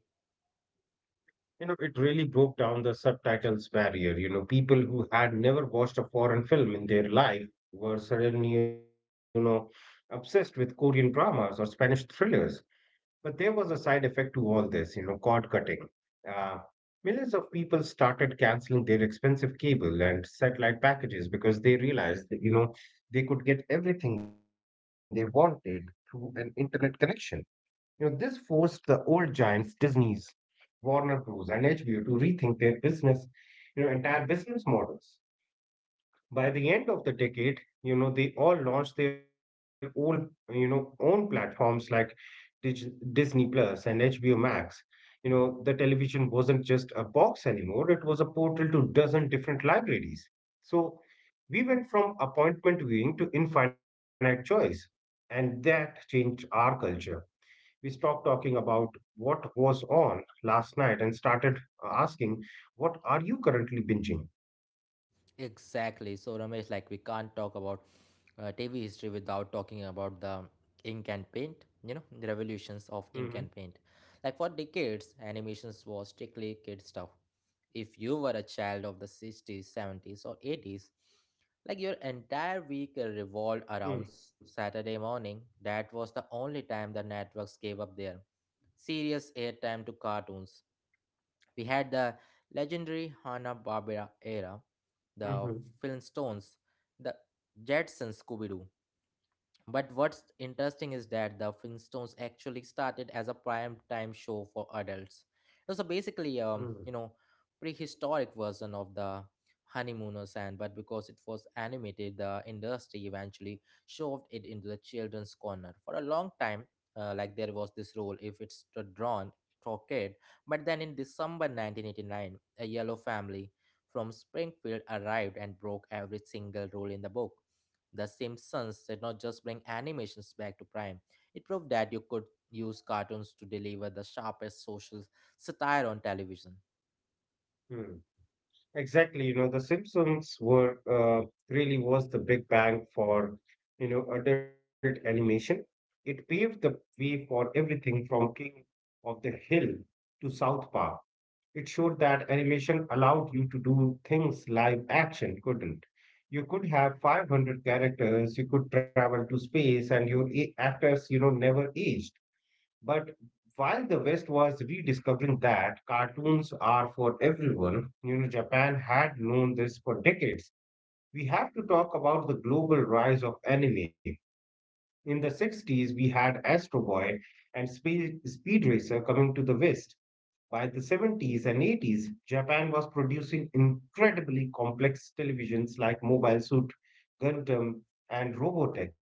You know, it really broke down the subtitles barrier. You know, people who had never watched a foreign film in their life were suddenly, you know, obsessed with Korean dramas or Spanish thrillers. But there was a side effect to all this, you know, cord cutting. Uh, Millions of people started canceling their expensive cable and satellite packages because they realized that, you know, they could get everything they wanted through an internet connection. You know, this forced the old giants, Disney, Warner Bros. And HBO to rethink their entire business models. By the end of the decade, you know, they all launched their own, platforms like Disney Plus and HBO Max. You know, the television wasn't just a box anymore; it was a portal to dozen different libraries. So we went from appointment viewing to infinite choice, and that changed our culture. We stopped talking about what was on last night and started asking, what are you currently binging?
Exactly. So, Ramesh, like we can't talk about TV history without talking about the ink and paint, you know, the
Mhm,
revolutions of ink and paint. Like for decades, animations was strictly kid stuff. If you were a child of the 60s, 70s, or 80s, like your entire week revolved
mm,
around Saturday morning. That was the only time the networks gave up their serious airtime to cartoons. We had the legendary Hanna-Barbera era,
mhm,
the Flintstones, the Jetsons, Scooby-Doo, but what's interesting is that the Flintstones actually started as a prime time show for adults. It was a
mm,
basically prehistoric version of the Honeymooners, and but because it was animated, the industry eventually shoved it into the children's corner. For a long time, like there was this rule if it's drawn for kid. But then in December 1989, a yellow family from Springfield arrived and broke every single rule in the book. The Simpsons did not just bring animations back to prime, it proved that you could use cartoons to deliver the sharpest social satire on television.
mm. Exactly. You know, The Simpsons were really was the big bang for adult animation. It paved the way for everything from King of the Hill to South Park. It showed that animation allowed you to do things live action couldn't. You could have 500 characters, you could travel to space, and your actors, you know, never aged. But while the West was rediscovering that cartoons are for everyone, you know, Japan had known this for decades. We have to talk about the global rise of anime. In the 60s, we had Astro Boy and Speed Racer coming to the West. By the 70s and 80s, Japan was producing incredibly complex televisions like Mobile Suit, Gundam, and Robotech.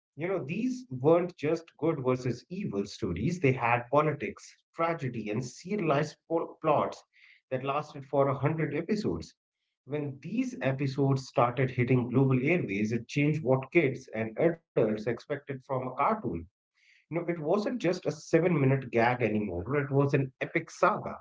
You know, these weren't just good versus evil stories, they had politics, tragedy, and serialized plots that lasted for 100 episodes. When these episodes started hitting global airways, it changed what kids and adults expected from a cartoon. You know, it wasn't just a 7 minute gag anymore, it was an epic saga.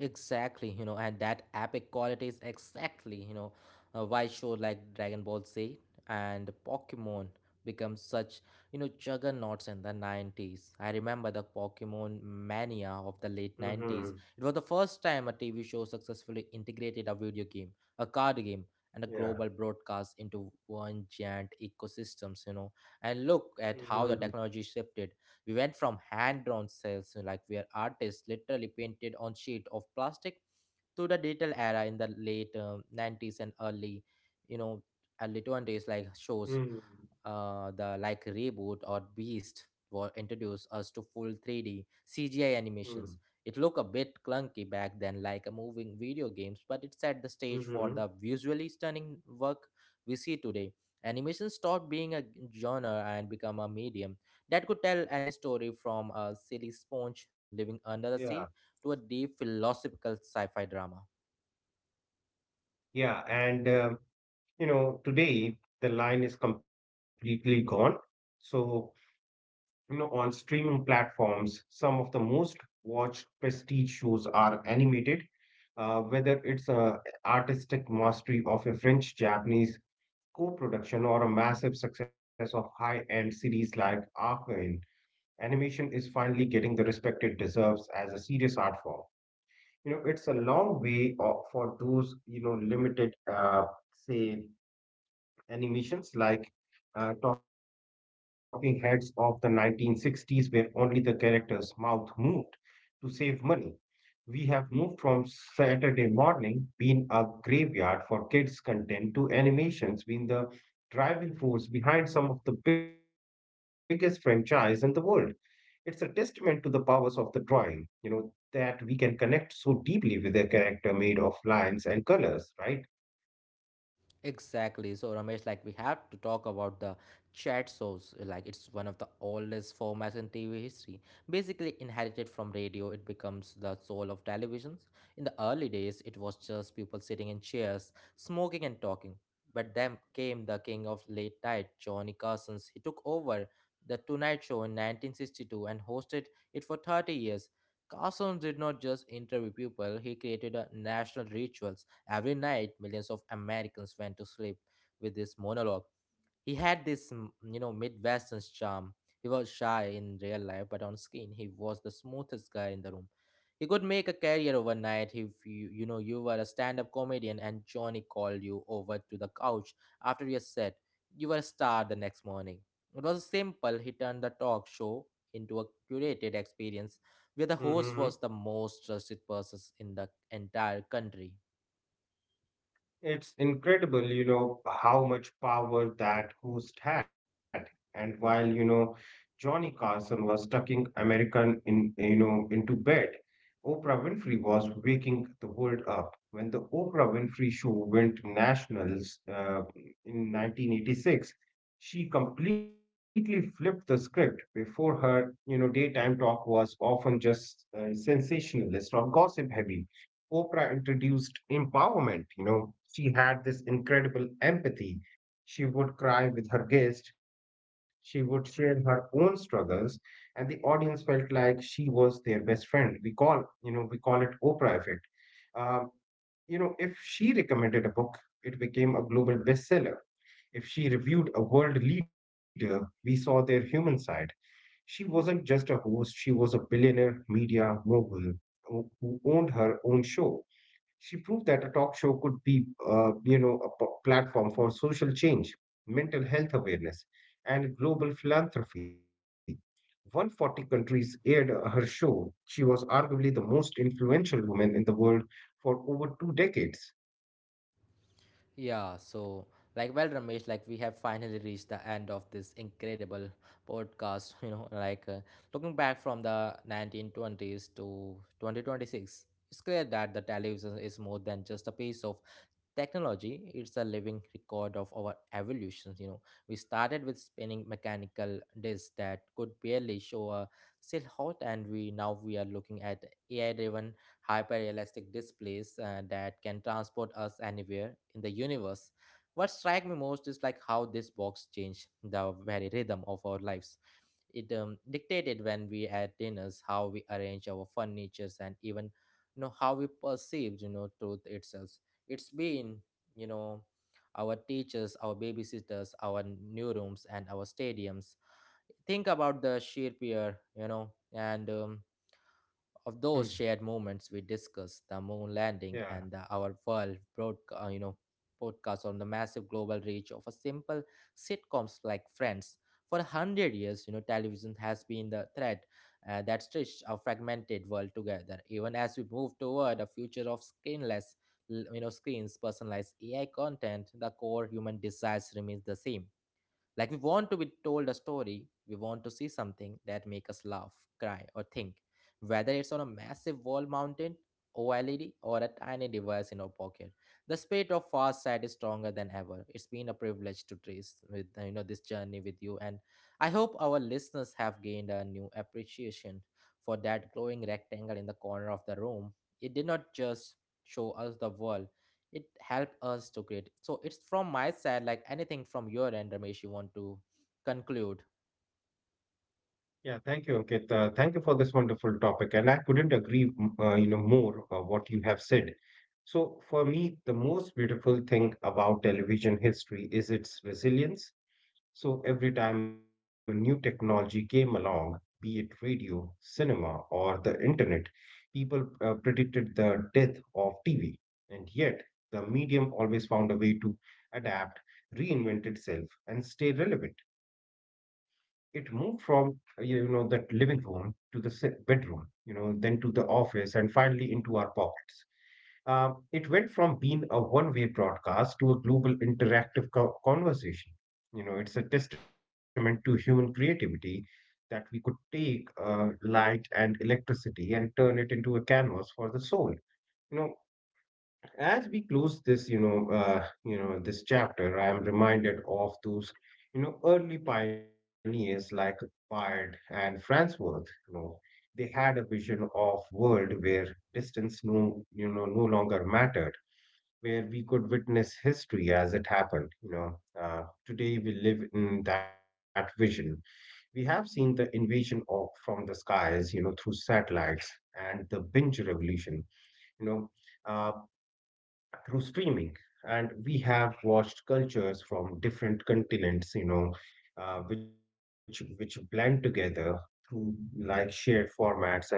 Exactly, you know, and that epic quality is exactly, you know, why show like Dragon Ball Z and Pokemon become such, you know, juggernauts in the 90s. I remember the Pokemon mania of the late 90s.
Mhm.
It was the first time a TV show successfully integrated a video game, a card game, and a
Yeah.
global broadcast into one giant ecosystems, you know. And look at how
Mhm.
the technology shifted. We went from hand-drawn cells, like where artists literally painted on sheet of plastic, to the digital era in the late 90s and early, you know, early 20s, like shows
Mhm.
the like Reboot or Beast were introduced us to full 3D CGI
Mhm.
animations. It looked a bit clunky back then, like a moving video games, but it set the stage for
Mhm.
the visually stunning work we see today. Animation stopped being a genre and become a medium that could tell any story, from a silly sponge living under the
Yeah.
sea to a deep philosophical sci fi drama.
Yeah. And, you know, today the line is completely gone. So, you know, on streaming platforms, some of the most watched prestige shows are animated, whether it's a artistic mastery of a French-Japanese co-production or a massive success of high-end series like Arcane. Animation is finally getting the respect it deserves as a serious art form. You know, it's a long way for those, you know, limited, say animations like talking heads of the 1960s where only the character's mouth moved to save money. We have moved from Saturday morning being a graveyard for kids content to animations being the driving force behind some of the biggest franchise in the world. It's a testament to the powers of the drawing, you know, that we can connect so deeply with a character made of lines and colors, right?
Exactly. So Ramesh, like we have to talk about the chat shows. Like it's one of the oldest formats in TV history. Basically inherited from radio, it becomes the soul of televisions. In the early days, it was just people sitting in chairs, smoking and talking. But then came the king of late night, Johnny Carson's. He took over the Tonight Show in 1962 and hosted it for 30 years. Carson did not just interview people, he created a national ritual. Every night, millions of Americans went to sleep with this monologue. He had this, you know, Midwestern charm. He was shy in real life, but on screen, he was the smoothest guy in the room. He could make a career overnight if you, you know, you were a stand-up comedian and Johnny called you over to the couch after your set. You were a star the next morning. It was simple. He turned the talk show into a curated experience where the host
Hmm.
was the most trusted person in the entire country.
It's incredible, you know, how much power that host had. And while, you know, Johnny Carson was tucking American in, you know, into bed, Oprah Winfrey was waking the world up. When the Oprah Winfrey show went nationals in 1986, she completely flipped the script. Before her, you know, daytime talk was often just sensationalist or gossip heavy. Oprah introduced empowerment. You know, she had this incredible empathy. She would cry with her guest, she would share her own struggles, and the audience felt like she was their best friend. We call it Oprah effect. Um, you know, if she recommended a book, it became a global bestseller. If she reviewed a world leader, we saw their human side. She wasn't just a host, she was a billionaire media mogul who owned her own show. She proved that a talk show could be, platform for social change, mental health awareness, and global philanthropy. 140 countries aired her show. She was arguably the most influential woman in the world for over two decades.
Yeah, so like well Ramesh, like we have finally reached the end of this incredible podcast, you know, like looking back from the 1920s to 2026. It's clear that the television is more than just a piece of technology. It's a living record of our evolutions. You know, we started with spinning mechanical discs that could barely show a silhouette, and we now we are looking at AI driven hyper realistic displays that can transport us anywhere in the universe. What strikes me most is like how this box changed the very rhythm of our lives. It dictated when we had dinners, how we arrange our furnitures, and even, you know, how we perceived, you know, truth itself. It's been, you know, our teachers, our babysitters, our new rooms, and our stadiums. Think about the sheer peer, you know, and of
Hmm.
those shared moments. We discussed the moon landing
Yeah.
and the, our you know, podcast on the massive global reach of a simple sitcoms like Friends. For a hundred years, you know, television has been the thread that stitched our fragmented world together. Even as we move toward a future of screenless you know, screens, personalized AI content, the core human desires remains the same. Like we want to be told a story, we want to see something that make us laugh, cry, or think. Whether it's on a massive wall mountain, OLED, or a tiny device in our pocket, the spirit of fast side is stronger than ever. It's been a privilege to trace with you know, this journey with you, and I hope our listeners have gained a new appreciation for that glowing rectangle in the corner of the room. It did not just show us the world, it helped us to create. So it's from my side, like anything from your end, Ramesh, you want to conclude?
Yeah, thank you, Ankit. Thank you for this wonderful topic, and I couldn't agree, more what you have said. So, for me, the most beautiful thing about television history is its resilience. So every time a new technology came along, be it radio, cinema, or the internet, people predicted the death of TV. And yet, the medium always found a way to adapt, reinvent itself, and stay relevant. It moved from that living room to the bedroom, you know, then to the office, and finally into our pockets. Uh, it went from being a one-way broadcast to a global interactive conversation. You know, it's a testament to human creativity that we could take light and electricity and turn it into a canvas for the soul. You know, as we close this, you know, this chapter, I am reminded of those, you know, early pioneers like Bard and Farnsworth. You know, they had a vision of world where distance no longer mattered, where we could witness history as it happened. You know, today we live in that vision. We have seen the invasion of from the skies, you know, through satellites and the binge revolution, you know, uh, through streaming. And we have watched cultures from different continents, you know, which blend together through like shared formats and stories.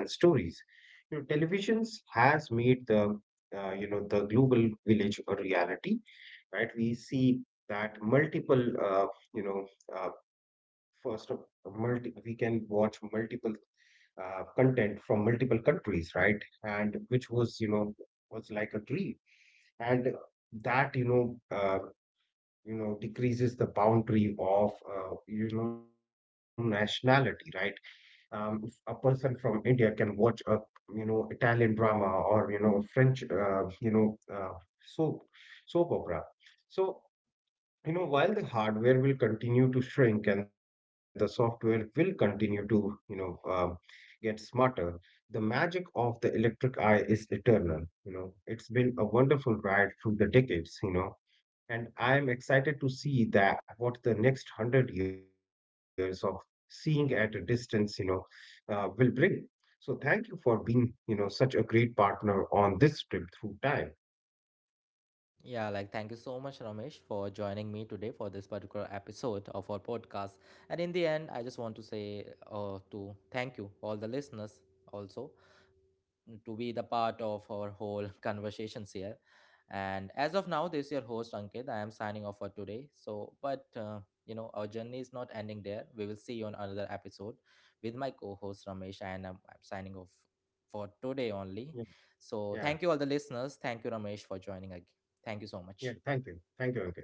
You know, televisions has made the the global village a reality, right? We see that multiple, you know, uh, first of we can watch multiple content from multiple countries, right? And which was, you know, was like a dream, and that, decreases the boundary of, nationality, right? If a person from India can watch a, you know, Italian drama or, you know, French, soap soap opera. So you know, while the hardware will continue to shrink and the software will continue to, you know uh, get smarter, the magic of the electric eye is eternal. You know, it's been a wonderful ride through the decades, you know, and I am excited to see that what the next 100 years of seeing at a distance, you know, will bring. So thank you for being, you know, such a great partner on this trip through time.
Yeah, like thank you so much Ramesh for joining me today for this particular episode of our podcast. And in the end, I just want to say to thank you all the listeners also, to be the part of our whole conversations here. And as of now, this is your host Ankit. I am signing off for today. So, but you know, our journey is not ending there. We will see you on another episode with my co-host Ramesh, and I'm signing off for today
Yeah.
only.
yeah,
So, thank you all the listeners. Thank you Ramesh for joining again. Thank you so
yeah thank you
much.
thank you, Ankit.